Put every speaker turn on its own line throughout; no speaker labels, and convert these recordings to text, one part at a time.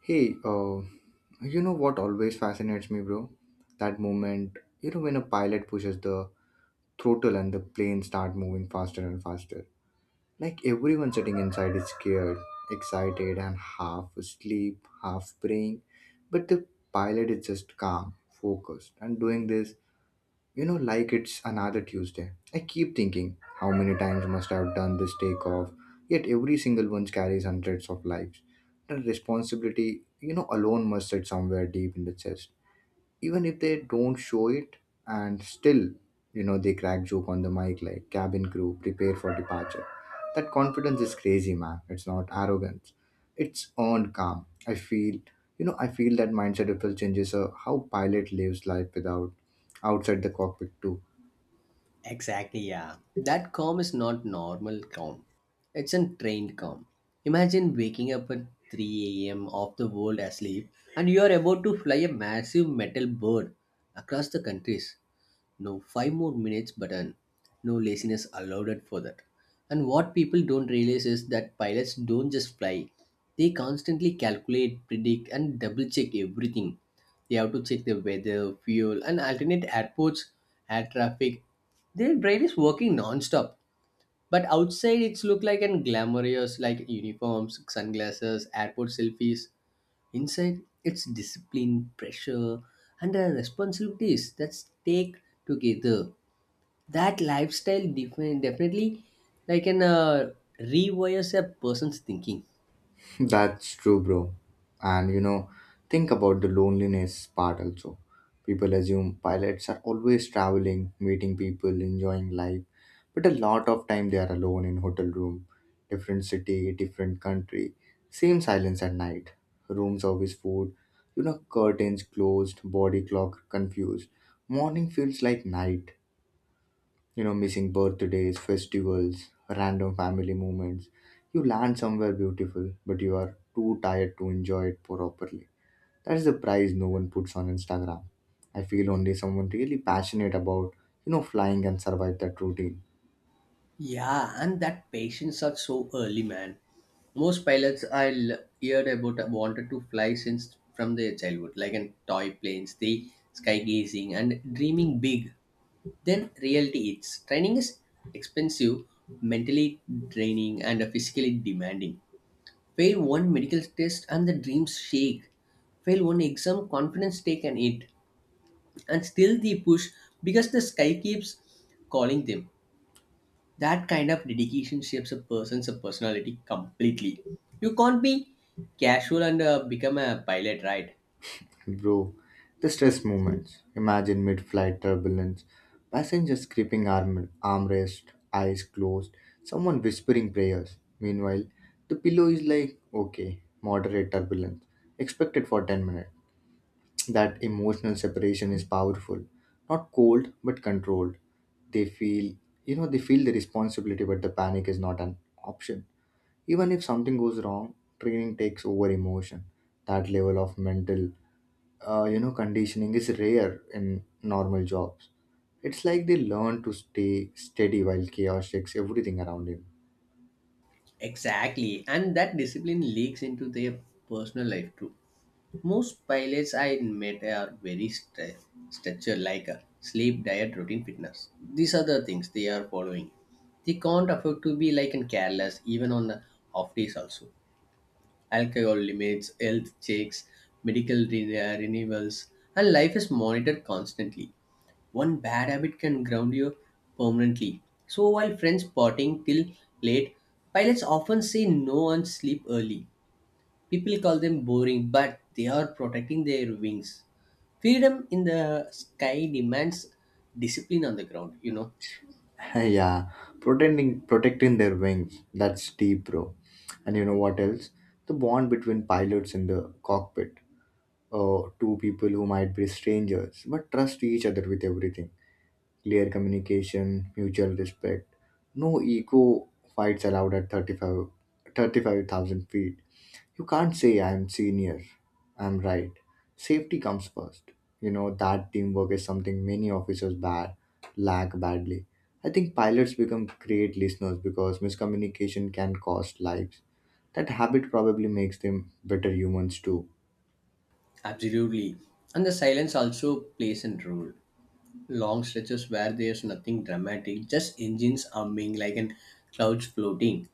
Hey, you know what always fascinates me, bro? That moment, when a pilot pushes the throttle and the plane start moving faster and faster. Like everyone sitting inside is scared, excited, and half asleep, half praying. But the pilot is just calm, focused, and doing this. Like it's another Tuesday. I keep thinking, how many times must I have done this takeoff? Yet every single one carries hundreds of lives. The responsibility, alone must sit somewhere deep in the chest, even if they don't show it, and still, they crack joke on the mic like cabin crew prepare for departure. That confidence is crazy, man. It's not arrogance, it's earned calm. I feel that mindset itself changes how pilot lives life without outside the cockpit too.
Exactly, yeah. That calm is not normal calm. It's a trained calm. Imagine waking up at 3 a.m. off the world asleep, and you are about to fly a massive metal bird across the countries. No five more minutes button, no laziness allowed for that. And what people don't realize is that pilots don't just fly, they constantly calculate, predict, and double check everything. They have to check the weather, fuel, and alternate airports, air traffic. Their brain is working non-stop, but outside it's look like and glamorous, like uniforms, sunglasses, airport selfies. Inside, it's discipline, pressure, and the responsibilities that take together. That lifestyle definitely like can rewires a person's thinking.
That's true, bro. And think about the loneliness part also. People assume pilots are always traveling, meeting people, enjoying life, but a lot of time they are alone in hotel room, different city, different country, same silence at night, room service food, curtains closed, body clock confused. Morning feels like night, missing birthdays, festivals, random family moments. You land somewhere beautiful, but you are too tired to enjoy it properly. That's the price no one puts on Instagram. I feel only someone really passionate about, flying and survive that routine.
Yeah, and that patience are so early, man. Most pilots I heard about wanted to fly since from their childhood, like in toy planes, the skygazing, and dreaming big. Then reality is training is expensive, mentally draining, and physically demanding. Fail one medical test and the dreams shake. Fail one exam, confidence take an hit, and still they push because the sky keeps calling them. That kind of dedication shapes a person's personality completely. You can't be casual and become a pilot, right?
Bro, the stress moments. Imagine mid flight turbulence, passengers gripping armrest, eyes closed, someone whispering prayers. Meanwhile, the pillow is like, okay, moderate turbulence, expected for 10 minutes. That emotional separation is powerful, not cold but controlled. They feel, they feel the responsibility, but the panic is not an option. Even if something goes wrong, training takes over emotion. That level of mental, conditioning is rare in normal jobs. It's like they learn to stay steady while chaos shakes everything around him.
Exactly, and that discipline leaks into their personal life too. Most pilots I met are very structured, like a sleep, diet, routine, fitness. These are the things they are following. They can't afford to be like and careless, even on the off days also. Alcohol limits, health checks, renewals, and life is monitored constantly. One bad habit can ground you permanently. So while friends partying till late, pilots often say no and sleep early. People call them boring, but they are protecting their wings. Freedom in the sky demands discipline on the ground, you know.
Yeah, protecting their wings. That's deep, bro. And you know what else? The bond between pilots in the cockpit. Two people who might be strangers but trust each other with everything. Clear communication, mutual respect. No ego fights allowed at thirty-five thousand feet. You can't say I'm senior, I'm right. Safety comes first. You know, that teamwork is something many officers lack badly. I think pilots become great listeners because miscommunication can cost lives. That habit probably makes them better humans too.
Absolutely. And the silence also plays a role. Long stretches where there's nothing dramatic, just engines humming like an clouds floating.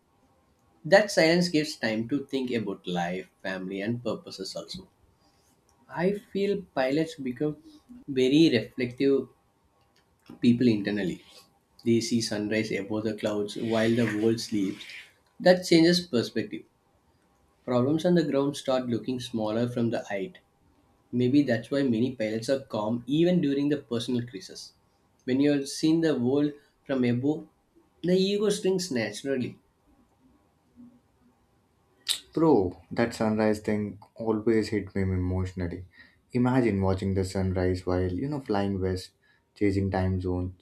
That silence gives time to think about life, family, and purposes also. I feel pilots become very reflective people internally. They see sunrise above the clouds while the world sleeps. That changes perspective. Problems on the ground start looking smaller from the height. Maybe that's why many pilots are calm even during the personal crisis. When you are seeing the world from above, the ego shrinks naturally.
Bro, that sunrise thing always hit me emotionally. Imagine watching the sunrise while, flying west, chasing time zones,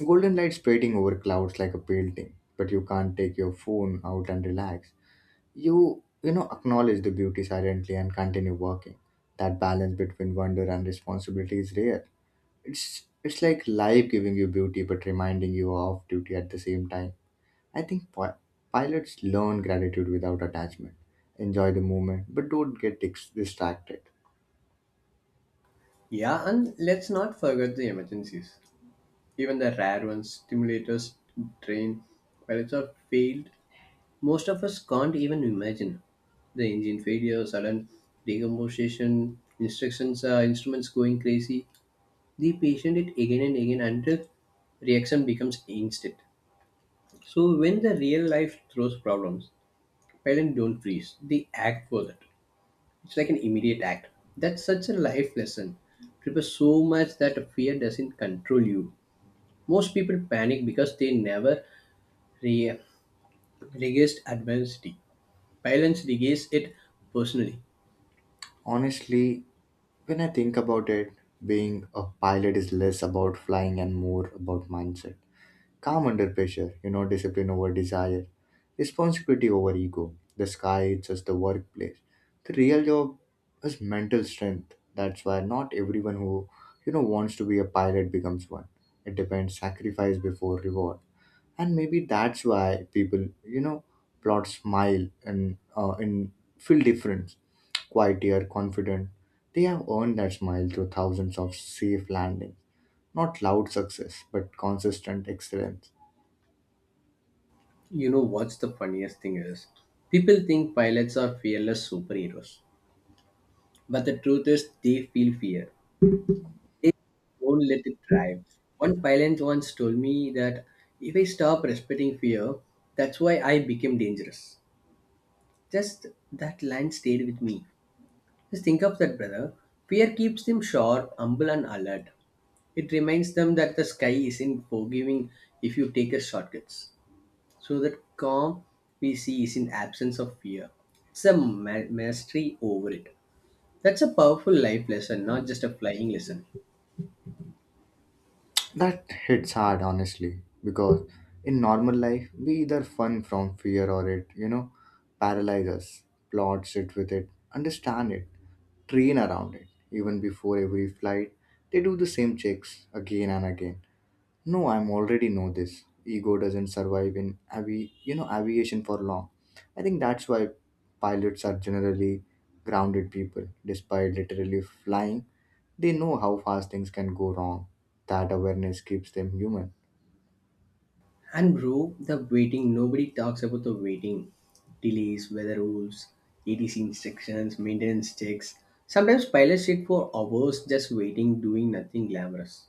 golden light spreading over clouds like a painting, but you can't take your phone out and relax. You, acknowledge the beauty silently and continue working. That balance between wonder and responsibility is rare. It's like life giving you beauty but reminding you of duty at the same time. I think pilots learn gratitude without attachment, enjoy the moment, but don't get distracted.
Yeah, and let's not forget the emergencies. Even the rare ones, stimulators, train pilots are failed. Most of us can't even imagine the engine failure, sudden decomposition, instruments going crazy. They patient it again and again until reaction becomes instant. So when the real life throws problems, parents don't freeze. They act for that. It's like an immediate act. That's such a life lesson. Prepare so much that fear doesn't control you. Most people panic because they never re- regaze adversity. Parents regaze it personally.
Honestly, when I think about it, being a pilot is less about flying and more about mindset. Calm under pressure, discipline over desire, responsibility over ego. The sky is just the workplace. The real job is mental strength. That's why not everyone who, wants to be a pilot becomes one. It depends sacrifice before reward. And maybe that's why people plot smile and feel different, quieter, confident. They have earned that smile through thousands of safe landings, not loud success but consistent excellence.
You know what's the funniest thing is? People think pilots are fearless superheroes, but the truth is they feel fear. They don't let it drive. One pilot once told me that if I stop respecting fear, that's why I became dangerous. Just that line stayed with me. Just think of that, brother. Fear keeps them sharp, humble, and alert. It reminds them that the sky isn't forgiving if you take a shortcuts. So that calm we see is in absence of fear. It's a mastery over it. That's a powerful life lesson, not just a flying lesson.
That hits hard, honestly, because in normal life we either fun from fear or it, paralyzes. Plot sit with it, understand it, train around it, even before every flight they do the same checks again and again. No, I'm already know this. Ego doesn't survive in aviation for long. I think that's why pilots are generally grounded people. Despite literally flying, they know how fast things can go wrong. That awareness keeps them human.
And bro, the waiting, nobody talks about the waiting. Delays, weather rules, ATC instructions, maintenance checks. Sometimes pilots sit for hours just waiting, doing nothing glamorous.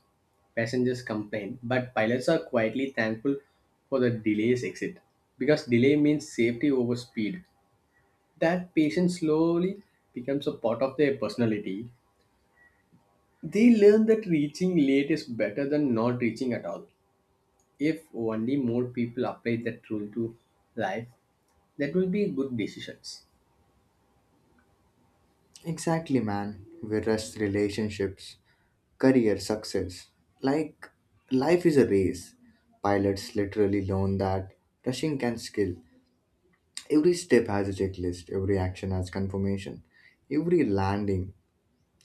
Passengers complain, but pilots are quietly thankful for the delays exit because delay means safety over speed. That patience slowly becomes a part of their personality. They learn that reaching late is better than not reaching at all. If only more people apply that rule to life, that will be good decisions.
Exactly, man. We rest relationships, career success. Like life is a race. Pilots literally learn that rushing can kill. Every step has a checklist, every action has confirmation. Every landing,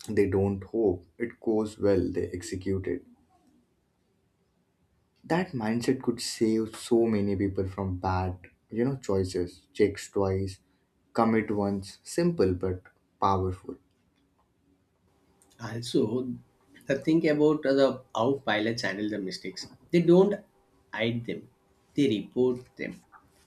they don't hope, it goes well, they execute it. That mindset could save so many people from bad, choices. Checks twice, commit once, simple but powerful.
Also, the thing about how pilots handle the mistakes, they don't hide them, they report them.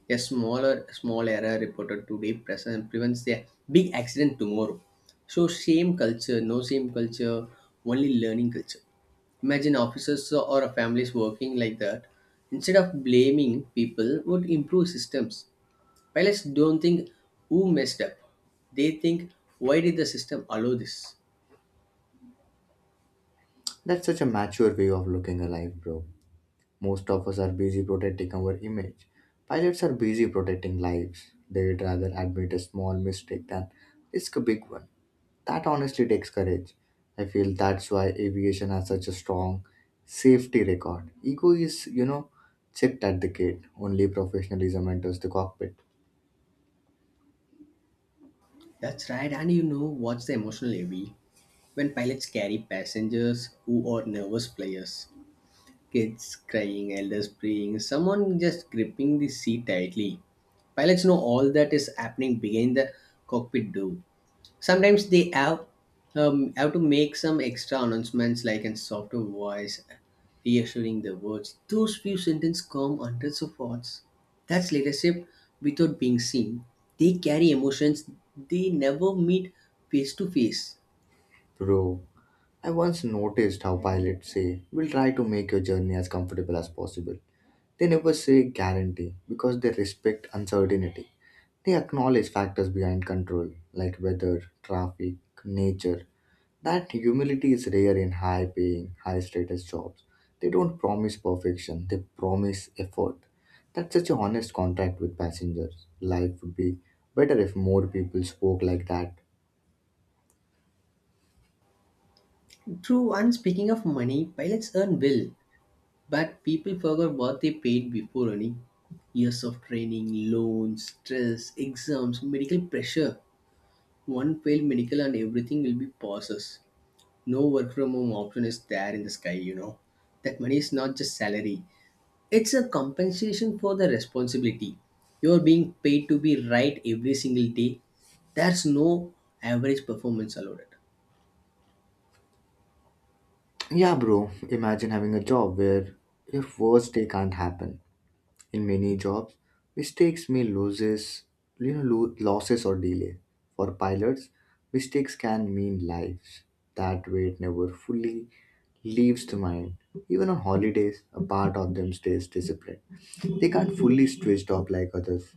A smaller small error reported today present prevents a big accident tomorrow. So same culture, no same culture, only learning culture. Imagine officers or families working like that. Instead of blaming people, would improve systems. Pilots don't think who messed up. They think why did the system allow this?
That's such a mature way of looking at life, bro. Most of us are busy protecting our image. Pilots are busy protecting lives. They'd rather admit a small mistake than risk a big one. That honestly takes courage. I feel that's why aviation has such a strong safety record. Ego is, checked at the gate. Only professionalism enters the cockpit.
That's right, and you know what's the emotional heavy? When pilots carry passengers who are nervous players, kids crying, elders praying, someone just gripping the seat tightly. Pilots know all that is happening behind the cockpit door. Sometimes they have to make some extra announcements like in softer voice, reassuring the words. Those few sentences come hundreds of words. That's leadership without being seen. They carry emotions they never meet face to face.
Bro, I once noticed how pilots say, We'll try to make your journey as comfortable as possible. They never say guarantee because they respect uncertainty. They acknowledge factors behind control, like weather, traffic, nature. That humility is rare in high paying, high status jobs. They don't promise perfection, they promise effort. That's such an honest contract with passengers. Life would be better if more people spoke like that.
True, and speaking of money, pilots earn well, but people forgot what they paid before earning. Years of training, loans, stress, exams, medical pressure. One failed medical and everything will be pauses. No work from home option is there in the sky, you know. That money is not just salary, it's a compensation for the responsibility. You're being paid to be right every single day. There's no average performance allowed.
Yeah, bro, imagine having a job where your worst day can't happen. In many jobs, mistakes may loses, losses or delay. For pilots, mistakes can mean lives. That weight never fully leaves the mind. Even on holidays, a part of them stays disciplined. They can't fully switch off like others.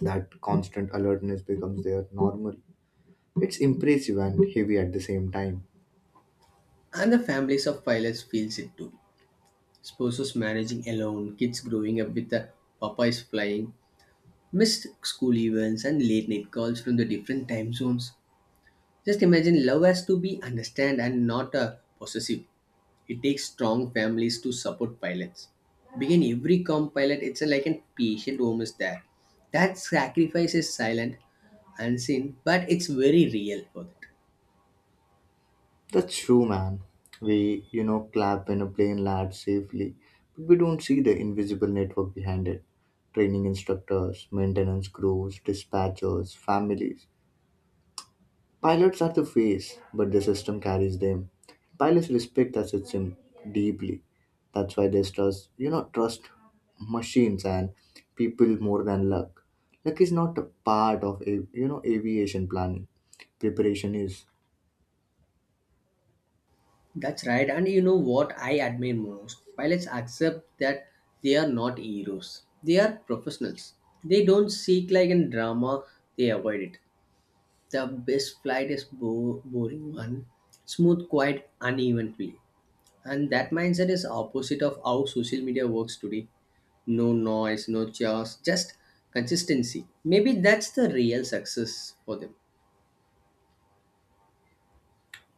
That constant alertness becomes their normal. It's impressive and heavy at the same time.
And the families of pilots feels it too. Spouses managing alone, kids growing up with the papas flying, missed school events and late night calls from the different time zones. Just imagine love has to be understand and not possessive. It takes strong families to support pilots. Begin every com pilot, it's a, like a patient home is there. That sacrifice is silent, unseen, but it's very real for that.
That's true, man. We, clap when a plane lands safely, but we don't see the invisible network behind it. Training instructors, maintenance crews, dispatchers, families. Pilots are the face, but the system carries them. Pilots respect the system deeply. That's why they trust machines and people more than luck. Luck is not a part of aviation planning. Preparation is.
That's right, and you know what I admire most? Pilots accept that they are not heroes. They are professionals. They don't seek like in drama, they avoid it. The best flight is boring one, smooth, quiet, uneven play. And that mindset is opposite of how social media works today. No noise, no chaos, just consistency. Maybe that's the real success for them.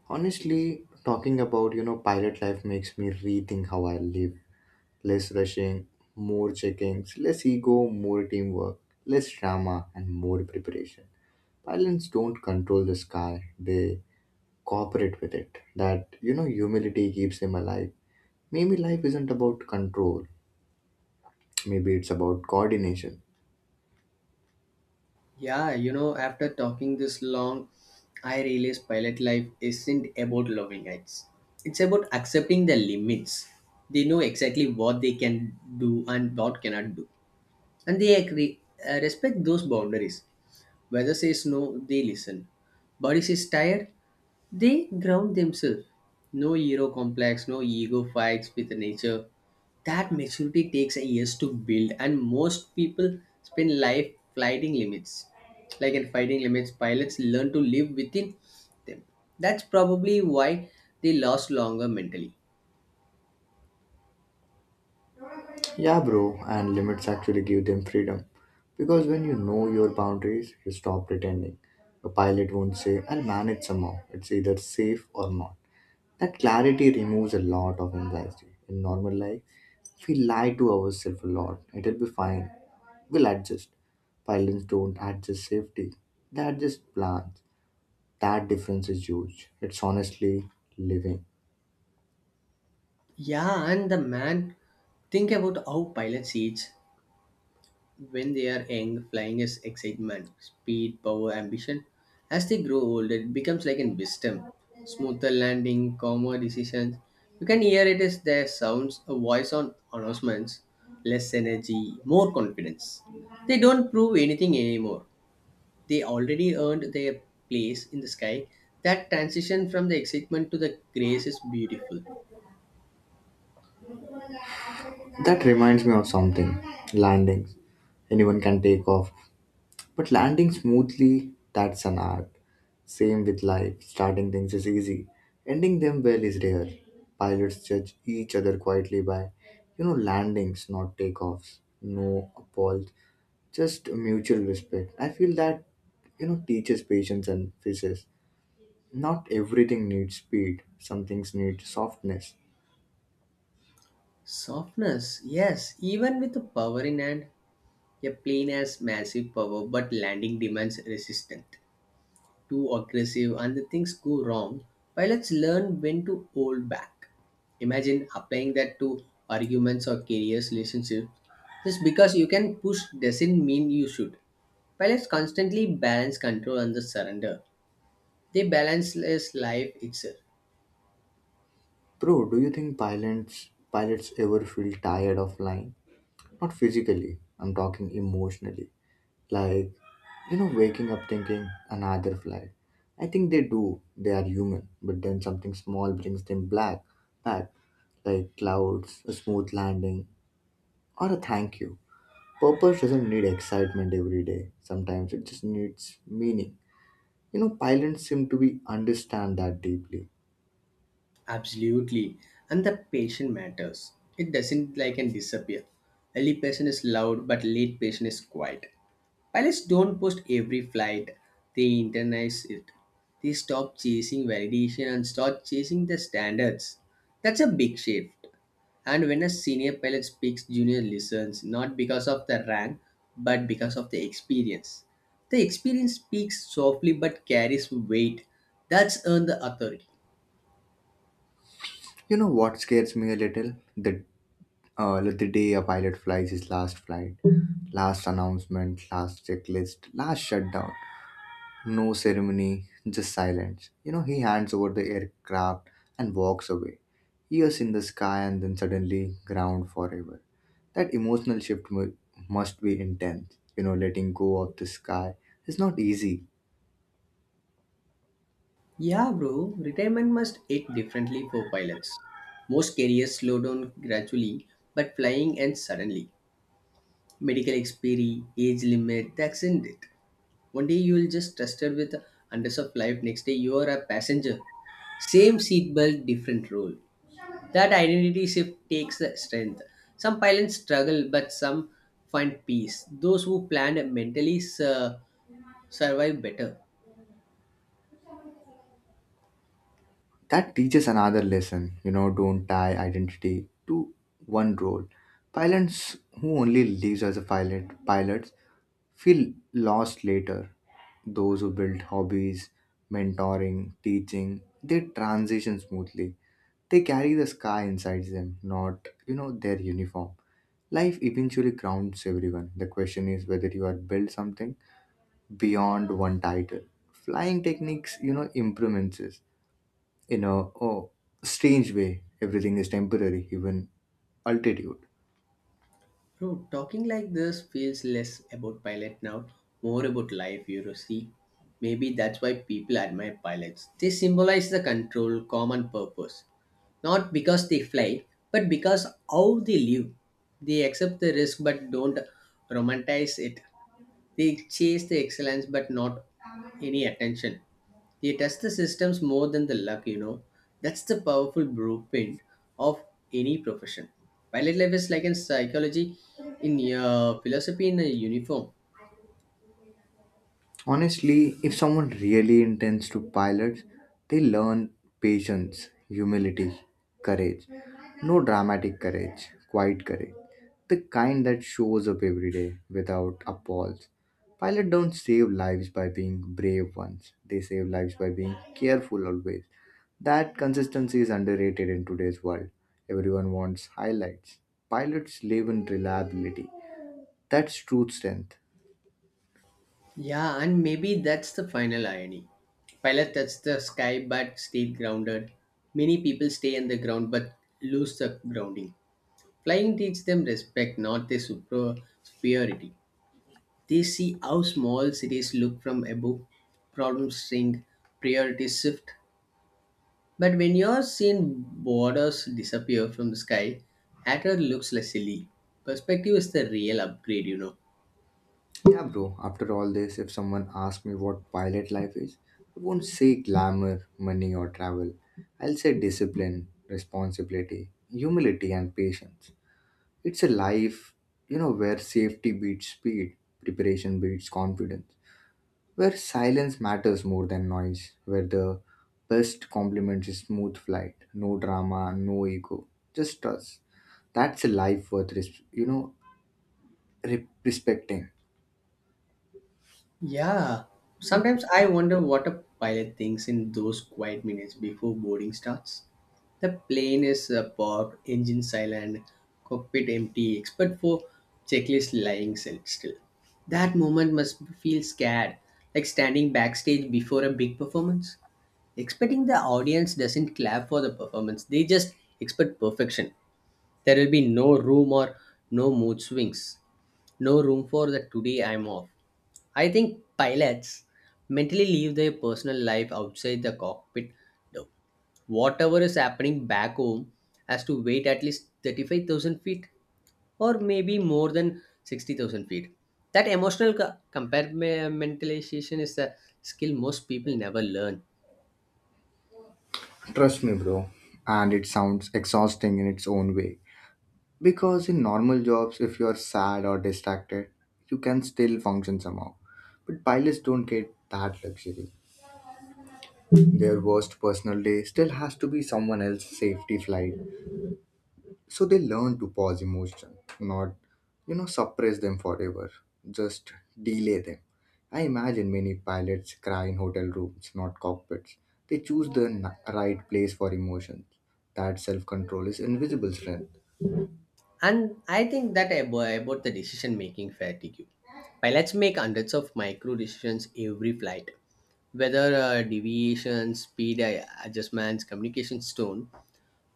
Honestly, talking about, pilot life makes me rethink how I live. Less rushing, more checkings, less ego, more teamwork, less drama, and more preparation. Pilots don't control the sky, they cooperate with it. That, humility keeps them alive. Maybe life isn't about control, maybe it's about coordination.
Yeah, you know, after talking this long, I realize pilot life isn't about loving heights, it's about accepting the limits. They know exactly what they can do and what cannot do. And they respect those boundaries. Weather says no, they listen. Body says tired. They ground themselves. No hero complex, no ego fights with nature. That maturity takes years to build, and most people spend life fighting limits. Like in fighting limits, pilots learn to live within them. That's probably why they last longer mentally.
Yeah, bro, and limits actually give them freedom. Because when you know your boundaries, you stop pretending. A pilot won't say, I'll manage somehow. It's either safe or not. That clarity removes a lot of anxiety. In normal life, we lie to ourselves a lot. It'll be fine. We'll adjust. Pilots don't adjust safety, they adjust plans. That difference is huge. It's honestly living.
Yeah, and the man think about how pilots age. When they are young, flying is excitement, speed, power, ambition. As they grow older, it becomes like in wisdom, smoother landing, calmer decisions. You can hear it as their sounds, a voice on announcements, less energy, more confidence. They don't prove anything anymore. They already earned their place in the sky. That transition from the excitement to the grace is beautiful.
That reminds me of something. Landings. Anyone can take off. But landing smoothly, that's an art. Same with life. Starting things is easy. Ending them well is rare. Pilots judge each other quietly by, landings, not takeoffs. No applause. Just mutual respect. I feel that teaches patience and physics. Not everything needs speed. Some things need softness.
Softness, yes, even with the power in hand. A plane has massive power, but landing demands resistance. Too aggressive, and the things go wrong. Pilots learn when to hold back. Imagine applying that to arguments or careers, relationships. Just because you can push doesn't mean you should. Pilots constantly balance control and the surrender. They balance less life itself.
Bro, do you think pilots ever feel tired of flying? Not physically, I'm talking emotionally. Like, waking up thinking another flight. I think they do. They are human, but then something small brings them black back, like clouds, a smooth landing, or a thank you. Purpose doesn't need excitement every day. Sometimes it just needs meaning. Pilots seem to be understand that deeply.
Absolutely. And the patient matters. It doesn't like and disappear. Early patient is loud, but late patient is quiet. Pilots don't post every flight, they internalize it. They stop chasing validation and start chasing the standards. That's a big shift. And when a senior pilot speaks, junior listens, not because of the rank, but because of the experience. The experience speaks softly but carries weight. That's earned the authority.
You know what scares me a little? The like the day a pilot flies his last flight, last announcement, last checklist, last shutdown. No ceremony, just silence. He hands over the aircraft and walks away. Years in the sky and then suddenly ground forever. That emotional shift must be intense. Letting go of the sky is not easy.
Yeah, bro, retirement must hit differently for pilots. Most careers slow down gradually, but flying ends suddenly. Medical expiry, age limit, that's in it. One day you will just trusted with hundreds of life, next day you are a passenger. Same seatbelt, different role. That identity shift takes the strength. Some pilots struggle, but some find peace. Those who plan mentally survive better.
That teaches another lesson, don't tie identity to one role. Pilots who only lives as a pilot. Pilots feel lost later. Those who build hobbies, mentoring, teaching, they transition smoothly. They carry the sky inside them, not their uniform. Life eventually grounds everyone. The question is whether you are built something beyond one title. Flying techniques, improvements in a, oh, strange way, everything is temporary, even altitude.
Bro, talking like this feels less about pilot now, more about life, you know, see. Maybe that's why people admire pilots. They symbolize the control, common purpose. Not because they fly, but because how they live. They accept the risk but don't romanticize it. They chase the excellence but not any attention. They test the systems more than the luck, you know. That's the powerful blueprint of any profession. Pilot life is like in psychology, in philosophy in a uniform.
Honestly, if someone really intends to pilot, they learn patience, humility, courage. No dramatic courage, quiet courage. The kind that shows up every day without applause. Pilots don't save lives by being brave ones, they save lives by being careful always. That consistency is underrated in today's world. Everyone wants highlights. Pilots live in reliability. That's true strength.
Yeah, and maybe that's the final irony. Pilot touches the sky but stayed grounded. Many people stay on the ground but lose the grounding. Flying teaches them respect, not their superiority. They see how small cities look from above, problems shrink, priorities shift. But when you're seeing borders disappear from the sky, Hatter looks less silly. Perspective is the real upgrade, you know.
Yeah, bro. After all this, if someone asks me what pilot life is, I won't say glamour, money, or travel. I'll say discipline, responsibility, humility, and patience. It's a life, where safety beats speed, preparation beats confidence, where silence matters more than noise, where the best compliment is smooth flight, no drama, no ego, just trust. That's a life worth, respecting.
Yeah. Sometimes I wonder what a pilot thinks in those quiet minutes before boarding starts. The plane is parked, engine silent, cockpit empty, except for checklist lying still. That moment must feel scared, like standing backstage before a big performance. Expecting the audience doesn't clap for the performance, they just expect perfection. There will be no room or no mood swings, no room for the today I'm off. I think pilots mentally leave their personal life outside the cockpit. No, whatever is happening back home has to wait at least 35,000 feet or maybe more than 60,000 feet. That emotional compartmentalization is a skill most people never learn.
Trust me, bro. And it sounds exhausting in its own way. Because in normal jobs, if you're sad or distracted, you can still function somehow. But pilots don't get that luxury. Their worst personal day still has to be someone else's safety flight. So they learn to pause emotion, not, suppress them forever, just delay them. I imagine many pilots cry in hotel rooms, not cockpits. They choose the right place for emotions. That self control is invisible strength.
And I think that about the decision making fatigue. Pilots make hundreds of micro decisions every flight, whether deviation, speed adjustments, communication tone,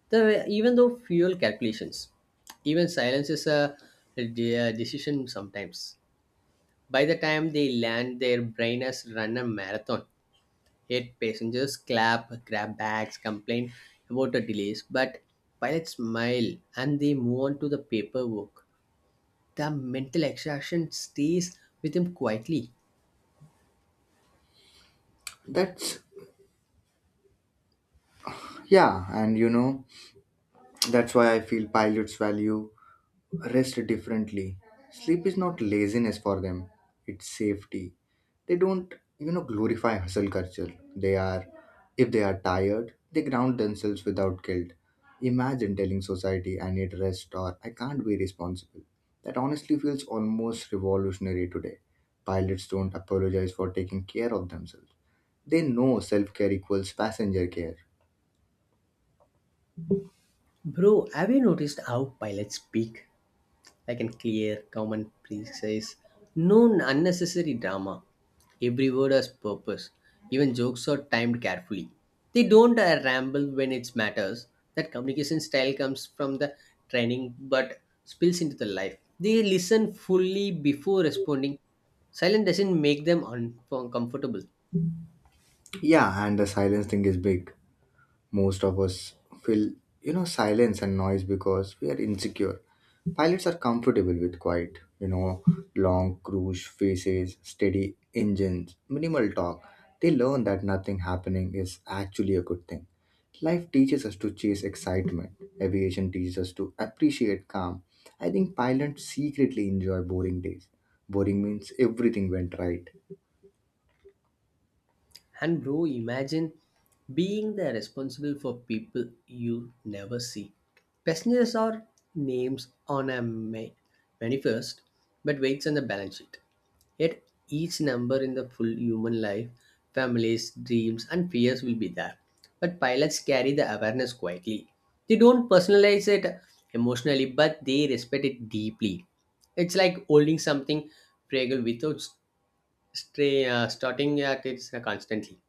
The, even though fuel calculations, even silence is a decision sometimes. By the time they land, their brain has run a marathon. Eight passengers clap, grab bags, complain about the delays, but pilots smile and they move on to the paperwork. The mental exhaustion stays with them quietly.
That's, yeah, and that's why I feel pilots value rest differently. Sleep is not laziness for them, it's safety. They don't, glorify hustle culture. They are, if they are tired, they ground themselves without guilt. Imagine telling society, I need rest or I can't be responsible. That honestly feels almost revolutionary today. Pilots don't apologize for taking care of themselves. They know self care equals passenger care.
Bro, have you noticed how pilots speak? Like an clear, calm, and precise. No unnecessary drama. Every word has purpose. Even jokes are timed carefully. They don't ramble when it matters. That communication style comes from the training but spills into the life. They listen fully before responding. Silence doesn't make them uncomfortable.
Yeah, and the silence thing is big. Most of us feel, silence and noise because we are insecure. Pilots are comfortable with quiet, long cruise faces, steady engines, minimal talk. They learn that nothing happening is actually a good thing. Life teaches us to chase excitement. Aviation teaches us to appreciate calm. I think pilots secretly enjoy boring days. Boring means everything went right.
And bro, imagine being the responsible for people you never see. Passengers are names on a manifest, but weights on the balance sheet. Yet each number in the full human life, families, dreams, and fears will be there. But pilots carry the awareness quietly. They don't personalize it emotionally, but they respect it deeply. It's like holding something fragile without starting at it constantly.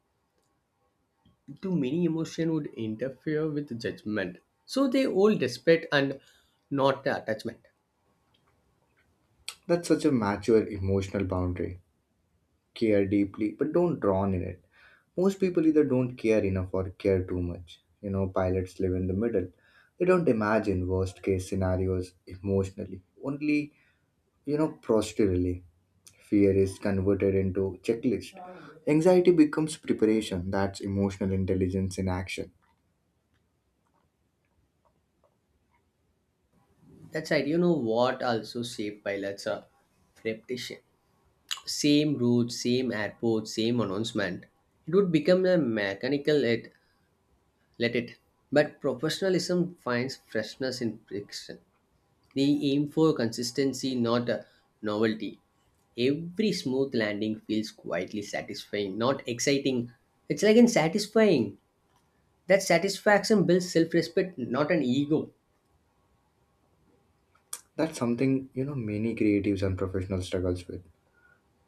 Too many emotion would interfere with judgment, so they hold respect and not attachment.
That's such a mature emotional boundary. Care deeply but don't drown in it. Most people either don't care enough or care too much. Pilots live in the middle. They don't imagine worst case scenarios emotionally, only, posturally. Fear is converted into checklist. Anxiety becomes preparation. That's emotional intelligence in action.
That's right. You know what also shaped by let's repetition. Same route, same airport, same announcement, it would become a mechanical let it, but professionalism finds freshness in friction. They aim for consistency, not novelty. Every smooth landing feels quietly satisfying, not exciting. It's like in satisfying. That satisfaction builds self respect, not an ego.
That's something, many creatives and professionals struggles with.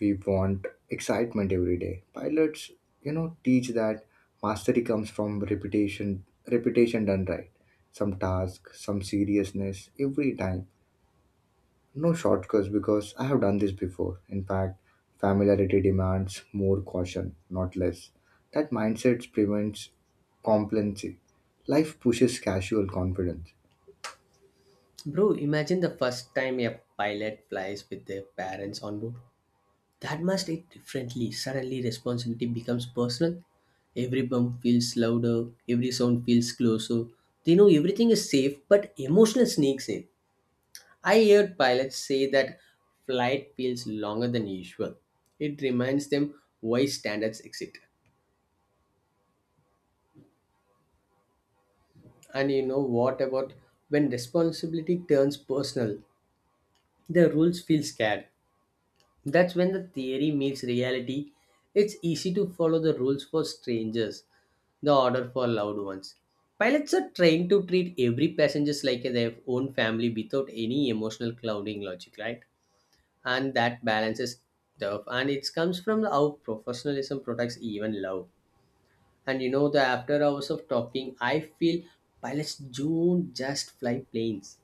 We want excitement every day. Pilots teach that mastery comes from repetition. Repetition done right, some task, some seriousness every time, no shortcuts because I have done this before. In fact, familiarity demands more caution, not less. That mindset prevents complacency. Life pushes casual confidence.
Bro, imagine the first time a pilot flies with their parents on board. That must hit differently. Suddenly, responsibility becomes personal. Every bump feels louder, every sound feels closer. They know everything is safe, but emotional sneaks in. I heard pilots say that flight feels longer than usual. It reminds them why standards exist. And you know what about when responsibility turns personal? The rules feel scared. That's when the theory meets reality. It's easy to follow the rules for strangers, the order for loved ones. Pilots are trained to treat every passengers like their own family without any emotional clouding logic, right? And that balances tough, and it comes from how professionalism protects even love. And you know, the after hours of talking, I feel pilots don't just fly planes,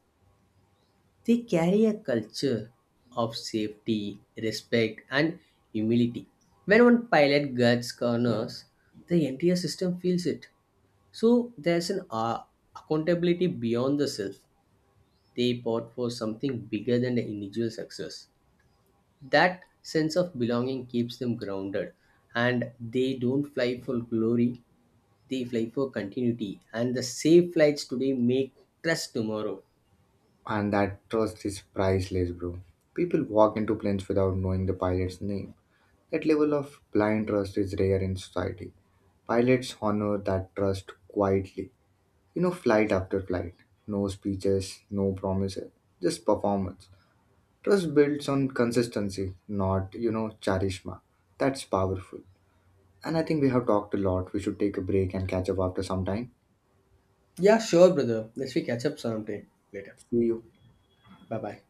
they carry a culture of safety, respect, and humility. When one pilot guards corners, the entire system feels it. So there's an accountability beyond the self. They part for something bigger than the individual success. That sense of belonging keeps them grounded, and they don't fly for glory. They fly for continuity, and the safe flights today make trust tomorrow.
And that trust is priceless, bro. People walk into planes without knowing the pilot's name. That level of blind trust is rare in society. Pilots honor that trust quietly. Flight after flight. No speeches, no promises, just performance. Trust builds on consistency, not, charisma. That's powerful. And I think we have talked a lot. We should take a break and catch up after some time.
Yeah, sure, brother. Let's we catch up sometime later.
See you.
Bye bye.